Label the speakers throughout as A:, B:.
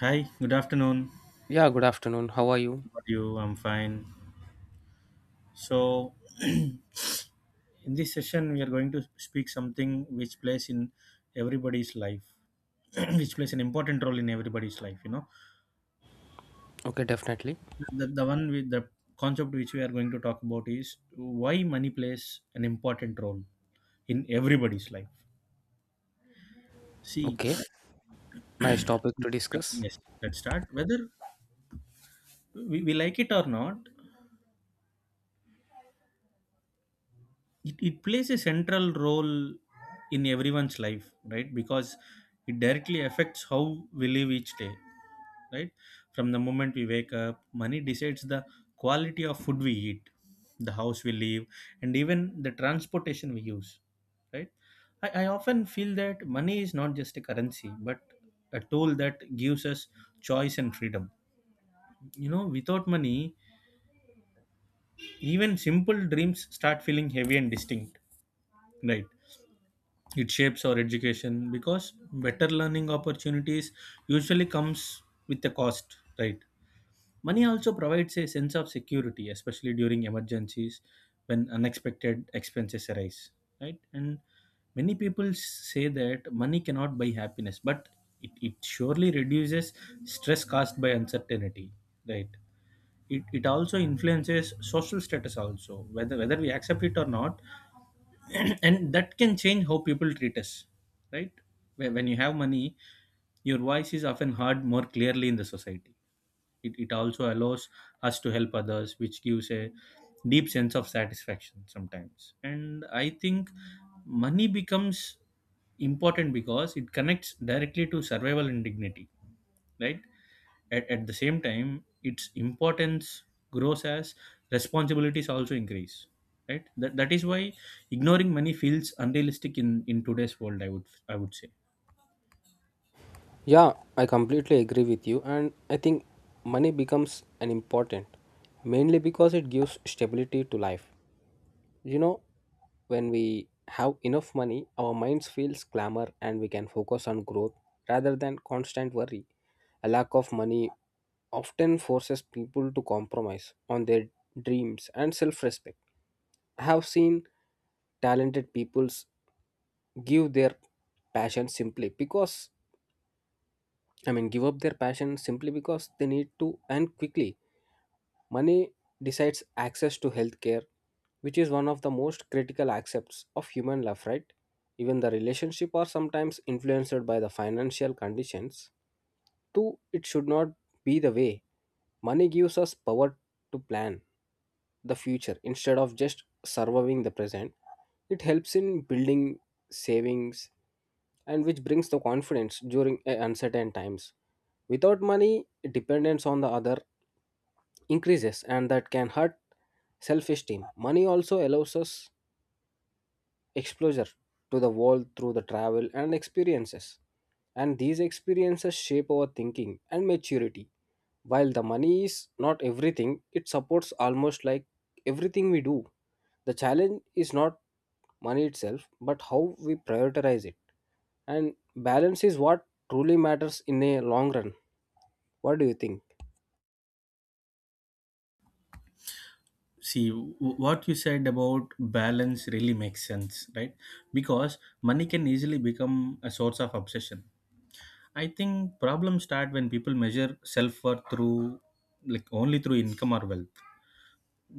A: Hi, good afternoon.
B: Yeah, good afternoon. How are you?
A: How are you? I'm fine. So, in this session, we are going to speak something which plays in everybody's life, which plays an important role in everybody's life. You know,
B: Okay, definitely.
A: the, the one with the concept which we are going to talk about is why money plays an important role in everybody's life. See,
B: Okay, nice topic to discuss.
A: yes, let's start. Whether we like it or not, it plays a central role in everyone's life, right? Because it directly affects how we live each day, right? From the moment we wake up, money decides the quality of food we eat, the house we live, and even the transportation we use, right? I often feel that money is not just a currency but a tool that gives us choice and freedom. You know, without money, even simple dreams start feeling heavy and distinct, right? It shapes our education because better learning opportunities usually comes with a cost, right? Money also provides a sense of security, especially during emergencies when unexpected expenses arise, right? And many people say that money cannot buy happiness, but it surely reduces stress caused by uncertainty, right? It also influences social status also, whether we accept it or not. And that can change how people treat us, right? When you have money, your voice is often heard more clearly in the society. It also allows us to help others, which gives a deep sense of satisfaction sometimes. And I think money becomes important because it connects directly to survival and dignity, right? At the same time, its importance grows as responsibilities also increase, right? That is why ignoring money feels unrealistic in today's world, I would say.
B: Yeah, I completely agree with you, and I think money becomes an important mainly because it gives stability to life. You know, when we have enough money, our minds feels clamor and we can focus on growth rather than constant worry. A lack of money often forces people to compromise on their dreams and self-respect. I have seen talented peoples give their passion simply because give up their passion simply because they need to and quickly. Money decides access to healthcare, which is one of the most critical aspects of human life, right? Even the relationship are sometimes influenced by the financial conditions. Too, it should not be the way. Money gives us power to plan, the future instead of just surviving the present. It helps in building savings and which brings the confidence during a uncertain times. Without money, dependence on the other increases and that can hurt self esteem. Money also allows us exposure to the world through the travel and experiences. And these experiences shape our thinking and maturity. While the money is not everything, it supports almost like everything we do. The challenge is not money itself, but how we prioritize it. And balance is what truly matters in a long run. What do you think?
A: see w- what you said about balance really makes sense, right? Because money can easily become a source of obsession. I think problems start when people measure self-worth through, like, only through income or wealth.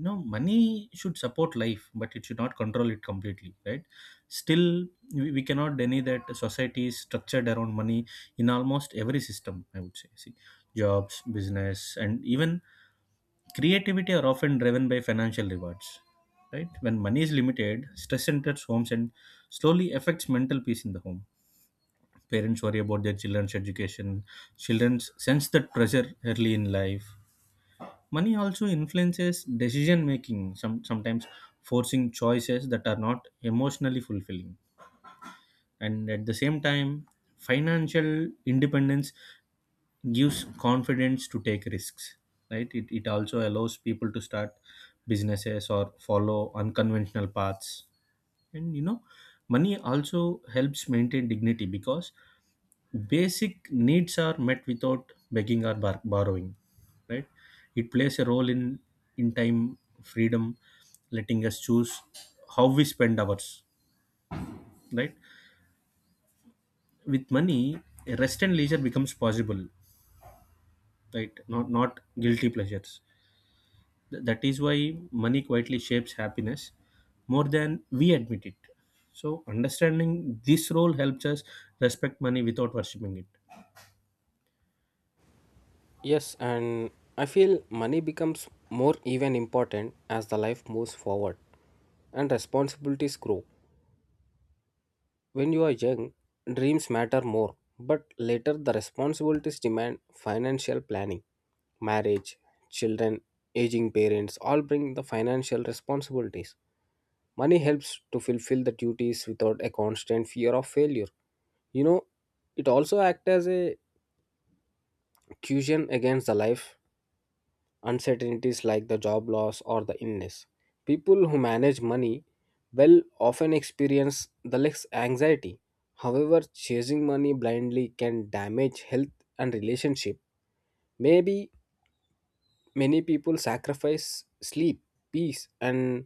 A: No, money should support life, but it should not control it completely, right? Still, we cannot deny that society is structured around money in almost every system, I would say. See, jobs, business, and even creativity are often driven by financial rewards, right? When money is limited, stress enters homes and slowly affects mental peace in the home. Parents worry about their children's education; children sense that pressure early in life. Money also influences decision making, sometimes forcing choices that are not emotionally fulfilling. And at the same time, financial independence gives confidence to take risks, right? It also allows people to start businesses or follow unconventional paths. And you know, money also helps maintain dignity because basic needs are met without begging or borrowing, right? It plays a role in time freedom, letting us choose how we spend ours, right? With money, rest and leisure becomes possible, right? Not guilty pleasures. That is why money quietly shapes happiness more than we admit it. So understanding this role helps us respect money without worshipping it.
B: Yes, and I feel money becomes more even important as the life moves forward and responsibilities grow. When you are young, dreams matter more, but later the responsibilities demand financial planning. Marriage, children, aging parents all bring the financial responsibilities. Money helps to fulfill the duties without a constant fear of failure. You know, it also acts as a cushion against the life uncertainties like the job loss or the illness. People who manage money well often experience the less anxiety. However, chasing money blindly can damage health and relationship. Maybe many people sacrifice sleep, peace, and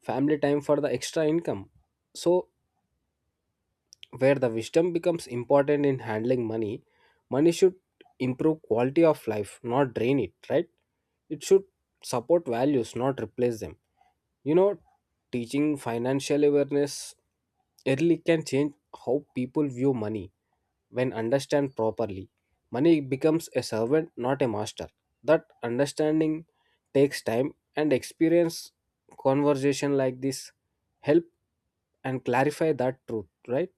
B: family time for the extra income. So, where the wisdom becomes important in handling money, money should improve quality of life, not drain it, right? It should support values, not replace them. You know, teaching financial awareness early can change how people view money when understand properly. Money becomes a servant, not a master. That understanding takes time and experience conversation like this help and clarify that truth, right?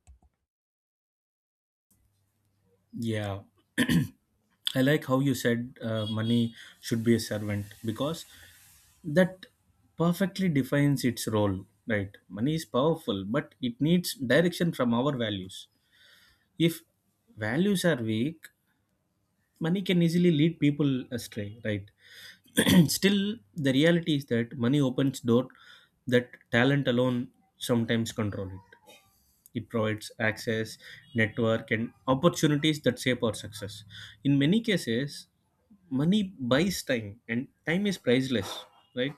A: Yeah, I like how you said money should be a servant, because that perfectly defines its role, right? Money is powerful, but it needs direction from our values. If values are weak, money can easily lead people astray, right? Still, the reality is that money opens door that talent alone sometimes control it. It provides access, network, and opportunities that shape our success. In many cases, money buys time, and time is priceless, right?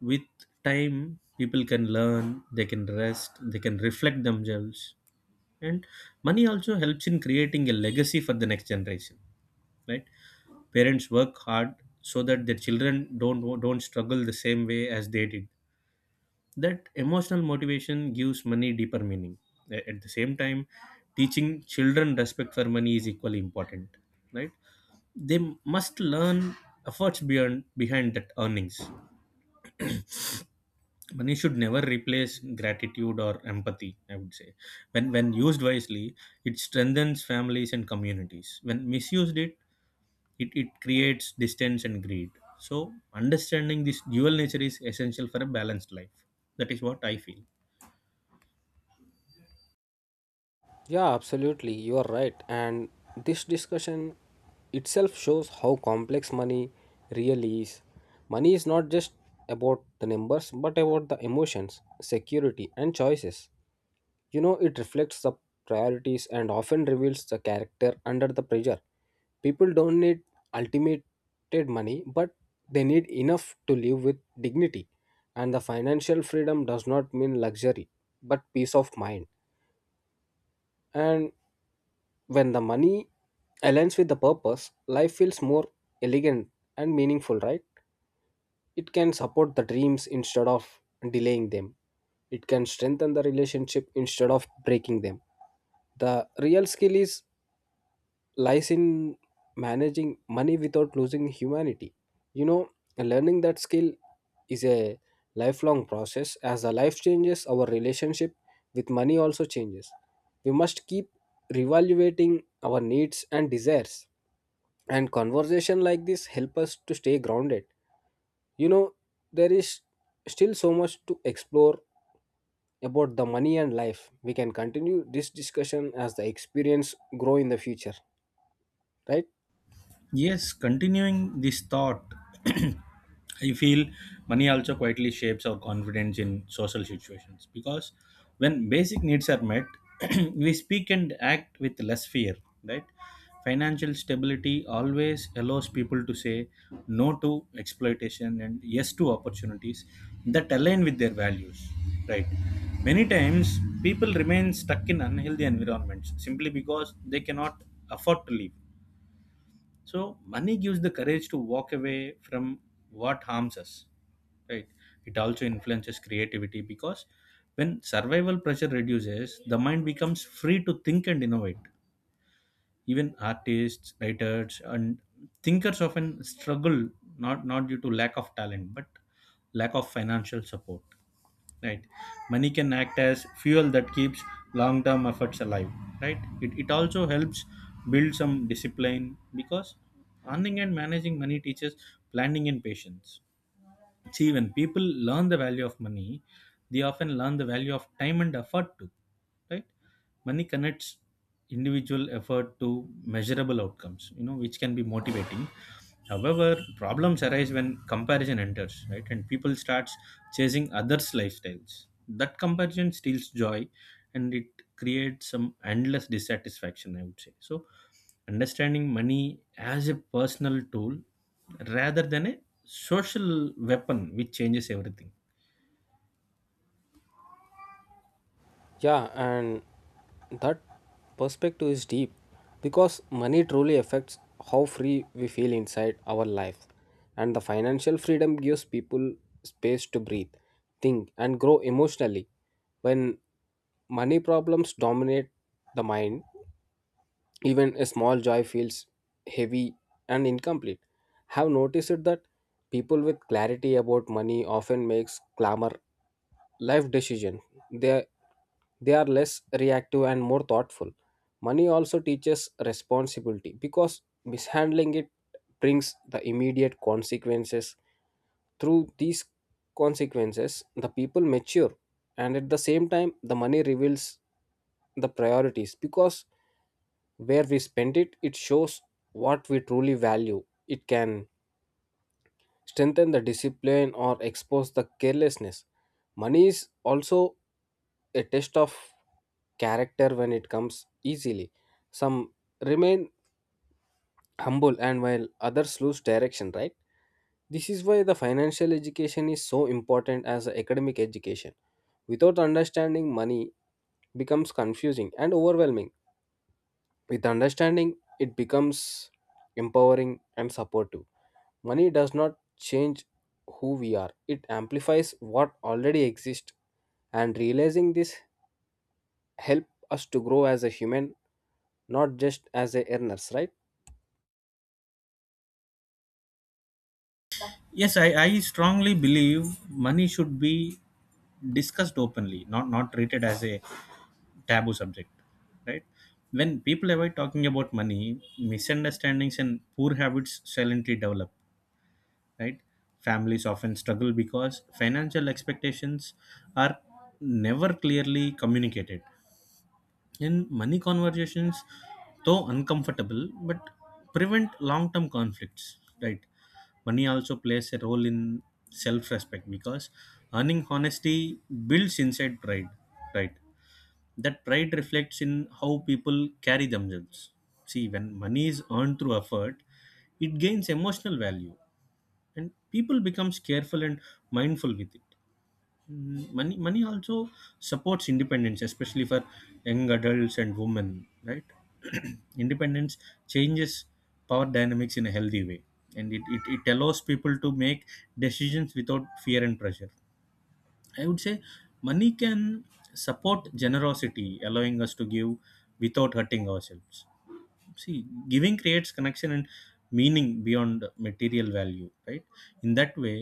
A: With time, people can learn, they can rest, they can reflect themselves. And money also helps in creating a legacy for the next generation, right? Parents work hard so that their children don't struggle the same way as they did. That emotional motivation gives money deeper meaning. At the same time, teaching children respect for money is equally important, right? They must learn efforts beyond behind that earnings. Money should never replace gratitude or empathy, I would say. When used wisely, it strengthens families and communities. When misused, it creates distance and greed. So understanding this dual nature is essential for a balanced life. That is what I feel.
B: Yeah, absolutely. You are right. And this discussion itself shows how complex money really is. Money is not just about the numbers, but about the emotions, security, and choices. You know, it reflects the priorities and often reveals the character under the pressure. People don't need ultimate money, but they need enough to live with dignity. And the financial freedom does not mean luxury, but peace of mind. And when the money aligns with the purpose, life feels more elegant and meaningful, right? It can support the dreams instead of delaying them. It can strengthen the relationship instead of breaking them. The real skill is lies in managing money without losing humanity. You know, learning that skill is a lifelong process. As our life changes, our relationship with money also changes. We must keep reevaluating our needs and desires. And conversation like this help us to stay grounded. You know, there is still so much to explore about the money and life. We can continue this discussion as the experience grow in the future, right?
A: Yes, continuing this thought, I feel money also quietly shapes our confidence in social situations because when basic needs are met, we speak and act with less fear, right? Financial stability always allows people to say no to exploitation and yes to opportunities that align with their values, right? Many times, people remain stuck in unhealthy environments simply because they cannot afford to leave. So money gives the courage to walk away from what harms us, right? It also influences creativity because when survival pressure reduces, the mind becomes free to think and innovate. Even artists, writers, and thinkers often struggle not due to lack of talent, but lack of financial support, right? Money can act as fuel that keeps long term efforts alive, right? It also helps build some discipline because earning and managing money teaches planning and patience. See, when people learn the value of money, they often learn the value of time and effort too, right? Money connects individual effort to measurable outcomes, you know, which can be motivating. However, problems arise when comparison enters, right? And people starts chasing others' lifestyles. That comparison steals joy, and it creates some endless dissatisfaction, I would say. So understanding money as a personal tool rather than a social weapon, which changes everything.
B: Yeah, and that perspective is deep because money truly affects how free we feel inside our life. And the financial freedom gives people space to breathe, think, and grow emotionally. When money problems dominate the mind, even a small joy feels heavy and incomplete. Have noticed it that people with clarity about money often makes glamour life decision. They they are less reactive and more thoughtful. Money also teaches responsibility because mishandling it brings the immediate consequences. Through these consequences, the people mature, and at the same time, the money reveals the priorities because where we spend it shows what we truly value. It can strengthen the discipline or expose the carelessness. Money is also a test of character. When it comes easily, some remain humble and while others lose direction, right? This is why the financial education is so important as a academic education. Without understanding, money becomes confusing and overwhelming. With understanding, it becomes empowering and supportive. Money does not change who we are, it amplifies what already exists. And realizing this help us to grow as a human, not just as a earners, right?
A: Yes, I strongly believe money should be discussed openly, not treated as a taboo subject, right? When people avoid talking about money, misunderstandings and poor habits silently develop, right? Families often struggle because financial expectations are never clearly communicated, and money conversations, though uncomfortable, but prevent long-term conflicts, right? Money also plays a role in self-respect because earning honesty builds inside pride, right? That pride reflects in how people carry themselves. See, when money is earned through effort, it gains emotional value and people becomes careful and mindful with it. Money also supports independence, especially for young adults and women, right? Independence changes power dynamics in a healthy way, and it allows people to make decisions without fear and pressure, I would say. Money can support generosity, allowing us to give without hurting ourselves. See, giving creates connection and meaning beyond material value, right? In that way,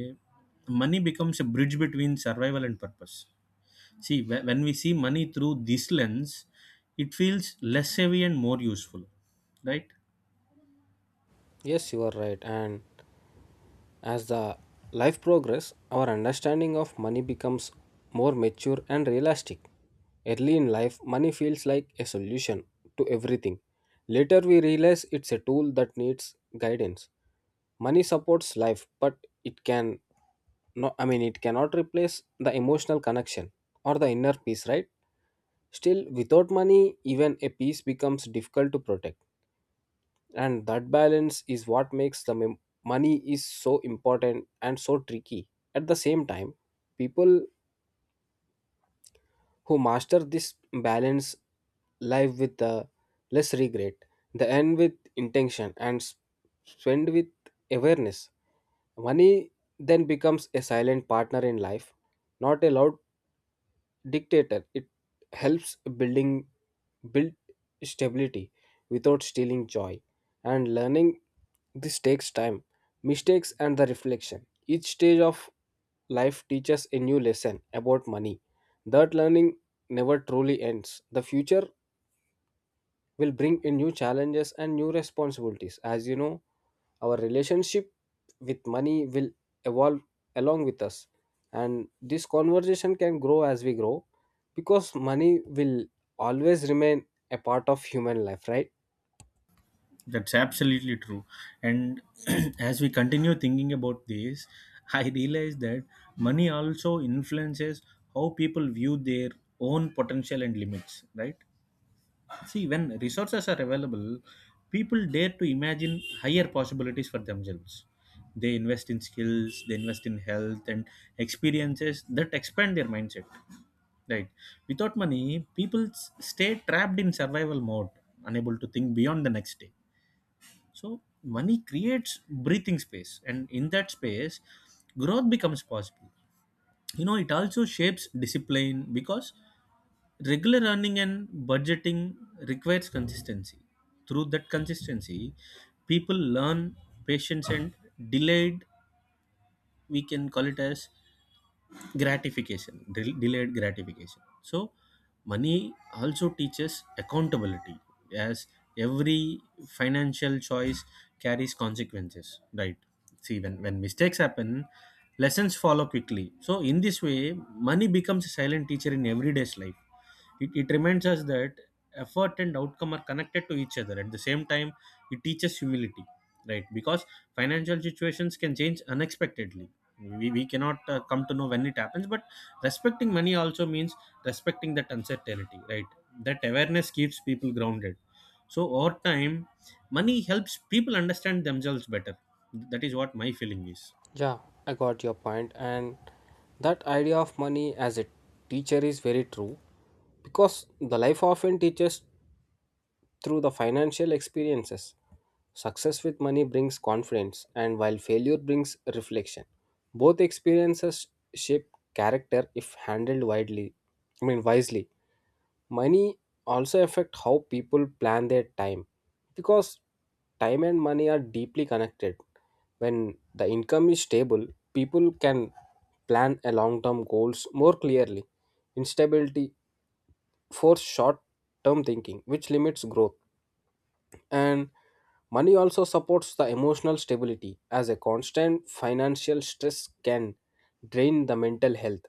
A: money becomes a bridge between survival and purpose. When we see money through this lens, it feels less heavy and more useful, right?
B: Yes, you are right. And as the life progresses, our understanding of money becomes more mature and realistic. Early in life, money feels like a solution to everything. Later, we realize it's a tool that needs guidance. Money supports life, but it can it cannot replace the emotional connection or the inner peace, right? Still, without money, even a peace becomes difficult to protect and that balance is what makes the money is so important and so tricky at the same time. People who master this balance live with less regret. They earn with intention and spend with awareness. Money then becomes a silent partner in life, not a loud dictator. It helps building build stability without stealing joy. And learning this takes time, mistakes and the reflection. Each stage of life teaches a new lesson about money. That learning never truly ends. The future will bring in new challenges and new responsibilities. As you know, our relationship with money will evolve along with us, and this conversation can grow as we grow because money will always remain a part of human life, right?
A: That's absolutely true. And as we continue thinking about this, I realize that money also influences how people view their own potential and limits, right? See, when resources are available, people dare to imagine higher possibilities for themselves. They invest in skills, they invest in health and experiences that expand their mindset. Right. Without money, people stay trapped in survival mode, unable to think beyond the next day. So, money creates breathing space, and in that space, growth becomes possible. You know, it also shapes discipline because regular earning and budgeting requires consistency. Through that consistency, people learn patience and delayed, we can call it as gratification, delayed gratification. So money also teaches accountability as every financial choice carries consequences, right? See, when mistakes happen, lessons follow quickly. So in this way, money becomes a silent teacher in everyday's life. It reminds us that effort and outcome are connected to each other. At the same time, it teaches humility, right? Because financial situations can change unexpectedly. We cannot come to know when it happens, but respecting money also means respecting that uncertainty, right? That awareness keeps people grounded. So over time, money helps people understand themselves better. That is what my feeling is.
B: Yeah, I got your point, and that idea of money as a teacher is very true because the life often teaches through the financial experiences. Success with money brings confidence, and while failure brings reflection. Both experiences shape character if handled widely. Wisely. Money also affect how people plan their time because time and money are deeply connected. When the income is stable, people can plan a long-term goals more clearly. Instability force short-term thinking, which limits growth. And money also supports the emotional stability as a constant financial stress can drain the mental health.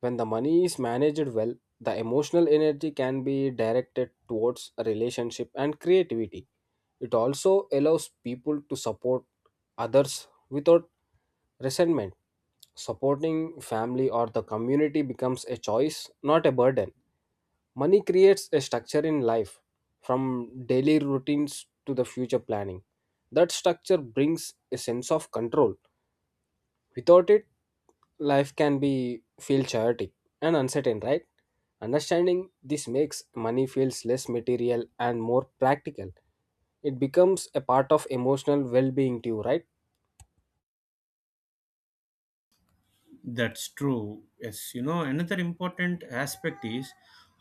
B: When the money is managed well, the emotional energy can be directed towards a relationship and creativity. It also allows people to support others without resentment. Supporting family or the community becomes a choice, not a burden. Money creates a structure in life, from daily routines to the future planning. That structure brings a sense of control. Without it, life can be feel chaotic and uncertain, right? Understanding this makes money feels less material and more practical. It becomes a part of emotional well-being too, right?
A: That's true. Yes, you know, another important aspect is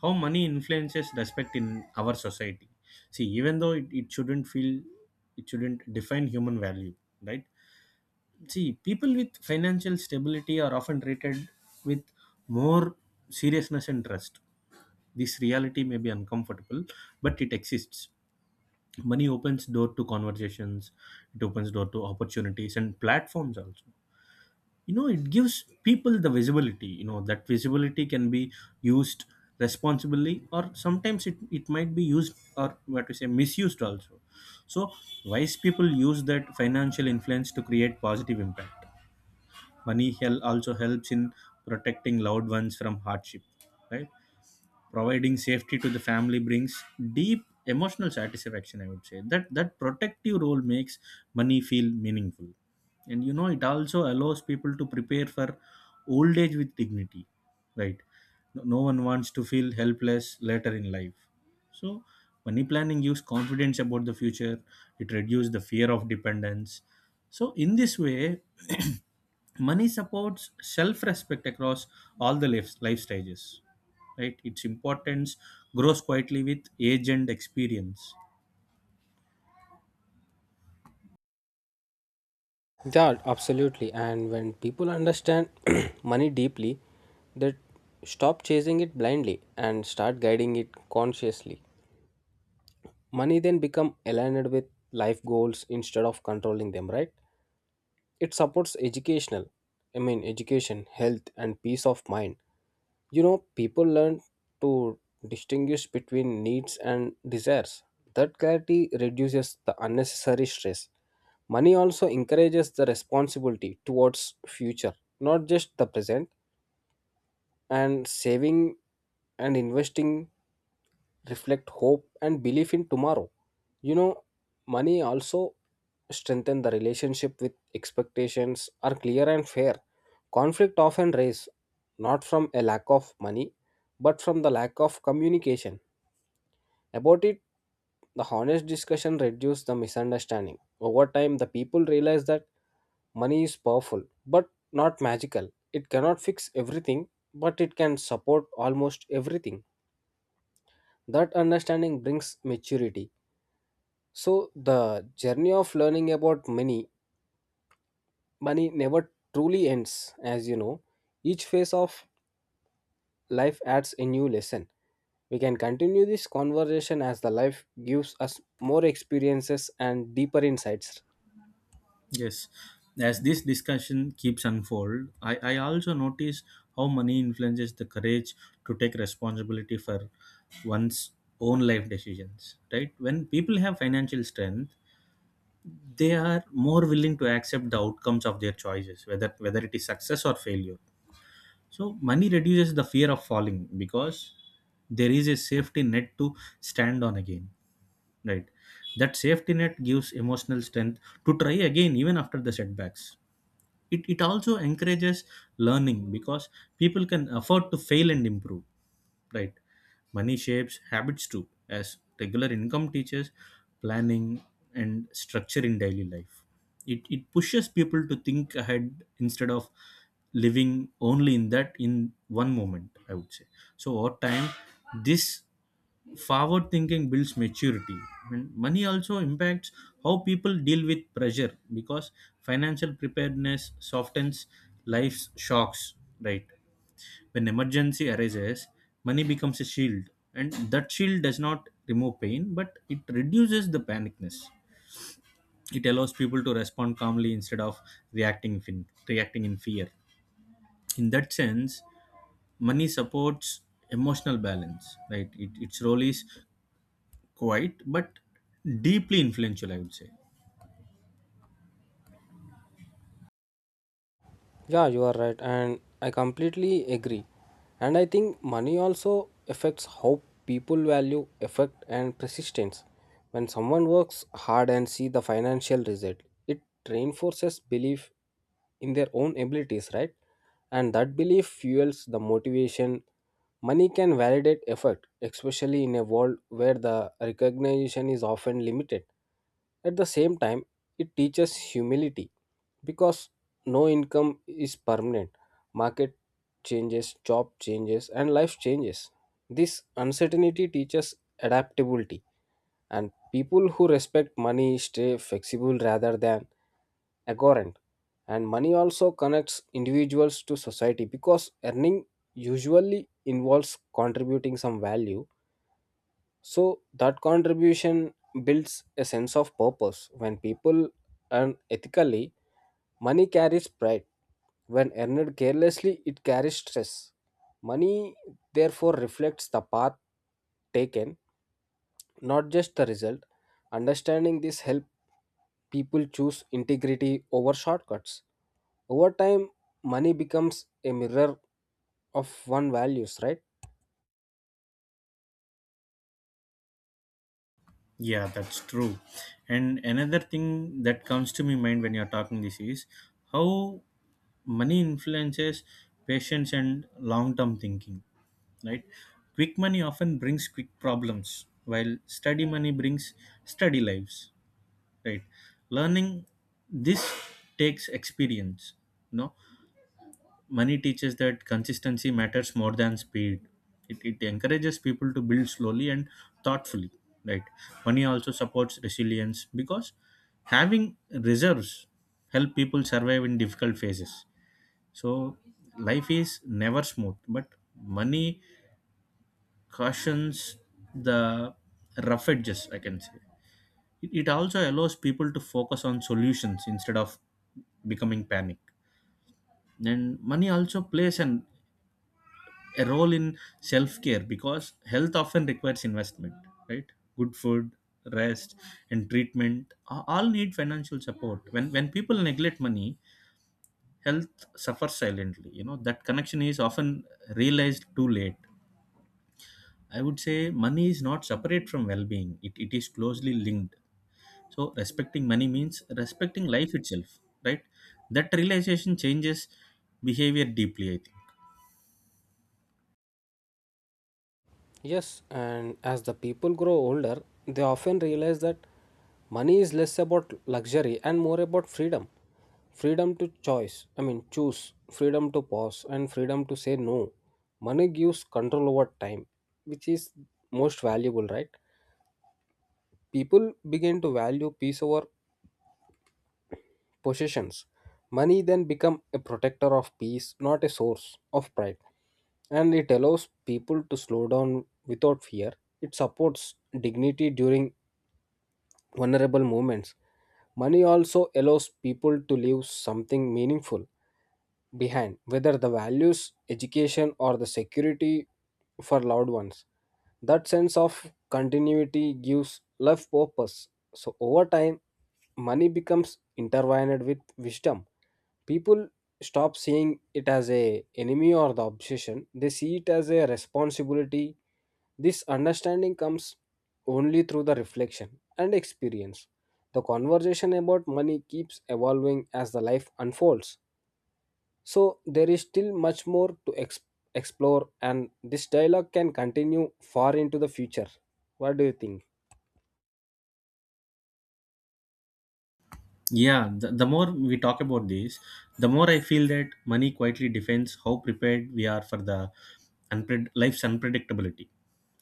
A: how money influences respect in our society. See, even though it shouldn't feel, it shouldn't define human value, right? See, people with financial stability are often treated with more seriousness and trust. This reality may be uncomfortable, but it exists. Money opens door to conversations, it opens door to opportunities and platforms also. You know, it gives people the visibility. You know, that visibility can be used responsibly, or sometimes it might be used, or what to say, misused also. So wise people use that financial influence to create positive impact. Money also helps in protecting loved ones from hardship, right? Providing safety to the family brings deep emotional satisfaction. I would say that protective role makes money feel meaningful. And it also allows people to prepare for old age with dignity, right? No one wants to feel helpless later in life. So money planning gives confidence about the future. It reduces the fear of dependence. So in this way, money supports self-respect across all the life stages. Right, its importance grows quietly with age and experience.
B: Yeah, absolutely. And when people understand money deeply, they stop chasing it blindly and start guiding it consciously. Money then become aligned with life goals instead of controlling them, right? It supports education, health, and peace of mind. You know, people learn to distinguish between needs and desires. That clarity reduces the unnecessary stress. Money also encourages the responsibility towards future, not just the present. And saving and investing reflect hope and belief in tomorrow. You know, money also strengthen the relationship with expectations are clear and fair. Conflict often raise not from a lack of money but from the lack of communication. About it, the honest discussion reduces the misunderstanding. Over time, the people realize that money is powerful but not magical. It cannot fix everything, but it can support almost everything. That understanding brings maturity. So the journey of learning about money never truly ends, as you know. Each phase of life adds a new lesson. We can continue this conversation as the life gives us more experiences and deeper insights.
A: Yes, as this discussion keeps unfold, I also notice how money influences the courage to take responsibility for one's own life decisions. Right, when people have financial strength, they are more willing to accept the outcomes of their choices, whether it is success or failure. So money reduces the fear of falling because there is a safety net to stand on again. Right. That safety net gives emotional strength to try again even after the setbacks. It also encourages learning because people can afford to fail and improve. Right. Money shapes habits too, as regular income teaches planning and structure in daily life. It pushes people to think ahead instead of living only in that in one moment, I would say. So over time, this forward thinking builds maturity. And money also impacts how people deal with pressure because financial preparedness softens life's shocks. Right, when emergency arises, money becomes a shield, and that shield does not remove pain, but it reduces the panicness. It allows people to respond calmly instead of reacting in fear. In that sense, money supports emotional balance. Right, its role is quite but deeply influential, I would say.
B: Yeah, you are right, and I completely agree. And I think money also affects how people value effort and persistence. When someone works hard and see the financial result, it reinforces belief in their own abilities, right? And that belief fuels the motivation. Money can validate effort, especially in a world where the recognition is often limited. At the same time, it teaches humility because no income is permanent. Market changes, job changes, and life changes. This uncertainty teaches adaptability, and people who respect money stay flexible rather than arrogant. And money also connects individuals to society because earning usually involves contributing some value. So, that contribution builds a sense of purpose. When people earn ethically, money carries pride. When earned carelessly, it carries stress. Money therefore reflects the path taken, not just the result. Understanding this helps people choose integrity over shortcuts. Over time, money becomes a mirror of one values, right?
A: Yeah, that's true. And another thing that comes to my mind when you're talking this is how money influences patience and long-term thinking. Right, quick money often brings quick problems, while steady money brings steady lives. Right, learning this takes experience. No, money teaches that consistency matters more than speed. It encourages people to build slowly and thoughtfully. Right, money also supports resilience because having reserves help people survive in difficult phases. So life is never smooth, but money cushions the rough edges, I can say. It also allows people to focus on solutions instead of becoming panic. And money also plays an a role in self care because health often requires investment, right? Good food, rest, and treatment all need financial support. When people neglect money, health suffers silently. You know that connection is often realized too late. I would say money is not separate from well being. It is closely linked. So respecting money means respecting life itself, right? That realization changes behavior deeply, I think.
B: Yes, and as the people grow older, they often realize that money is less about luxury and more about freedom. Freedom to choose, freedom to pause, and freedom to say no. Money gives control over time, which is most valuable, right? People begin to value peace over possessions. Money then become a protector of peace, not a source of pride. And it allows people to slow down without fear. It supports dignity during vulnerable moments. Money also allows people to leave something meaningful behind, whether the values, education, or the security for loved ones. That sense of continuity gives life purpose. So, over time, money becomes intertwined with wisdom. People stop seeing it as a enemy or the obsession. They see it as a responsibility. This understanding comes only through the reflection and experience. The conversation about money keeps evolving as the life unfolds. So there is still much more to explore and this dialogue can continue far into the future. What do you think?
A: Yeah, the, more we talk about this, the more I feel that money quietly defines how prepared we are for the life's unpredictability.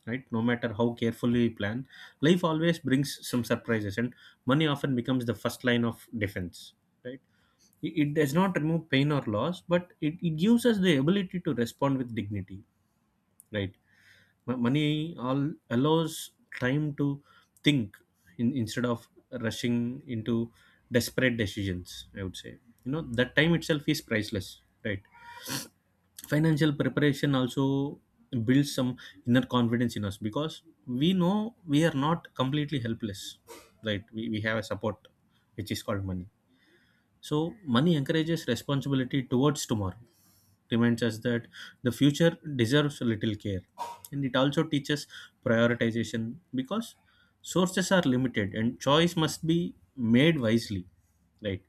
A: Right? No matter how carefully we plan, life always brings some surprises, and money often becomes the first line of defense. Right? It does not remove pain or loss, but it gives us the ability to respond with dignity. Right? Money all allows time to think instead of rushing into desperate decisions, I would say. You know that time itself is priceless, right? Financial preparation also builds some inner confidence in us because we know we are not completely helpless. Right, we have a support which is called money. So money encourages responsibility towards tomorrow, reminds us that the future deserves little care, and it also teaches prioritization because sources are limited and choice must be made wisely, right?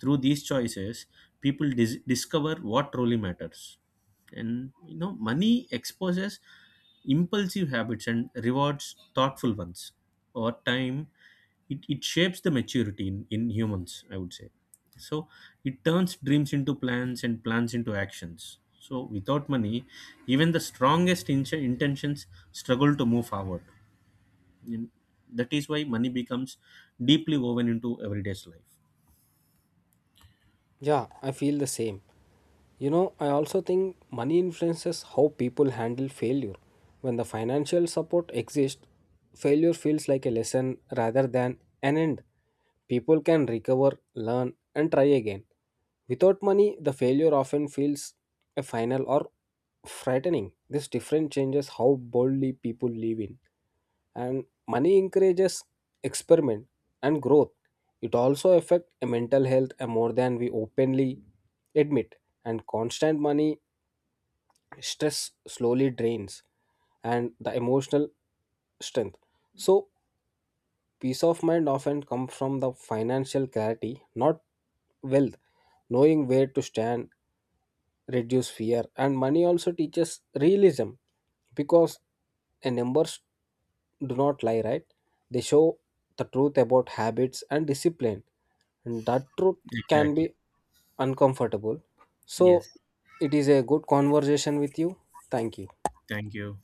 A: Through these choices, people discover what truly matters. And you know, money exposes impulsive habits and rewards thoughtful ones. Over time, it shapes the maturity in, humans, I would say. So it turns dreams into plans and plans into actions. So without money, even the strongest intentions struggle to move forward. And that is why money becomes deeply woven into everyday's life.
B: Yeah, I feel the same. You know, I also think money influences how people handle failure. When the financial support exists, failure feels like a lesson rather than an end. People can recover, learn, and try again. Without money, the failure often feels a final or frightening. This difference changes how boldly people live in. And money encourages experiment and growth. It also affects mental health more than we openly admit. And constant money stress slowly drains and the emotional strength. So peace of mind often comes from the financial clarity, not wealth. Knowing where to stand reduce fear. And money also teaches realism because the numbers do not lie, right? They show the truth about habits and discipline. And that truth can be
A: Exactly.
B: uncomfortable. So
A: Yes.
B: it is a good conversation with you. Thank you.
A: Thank you.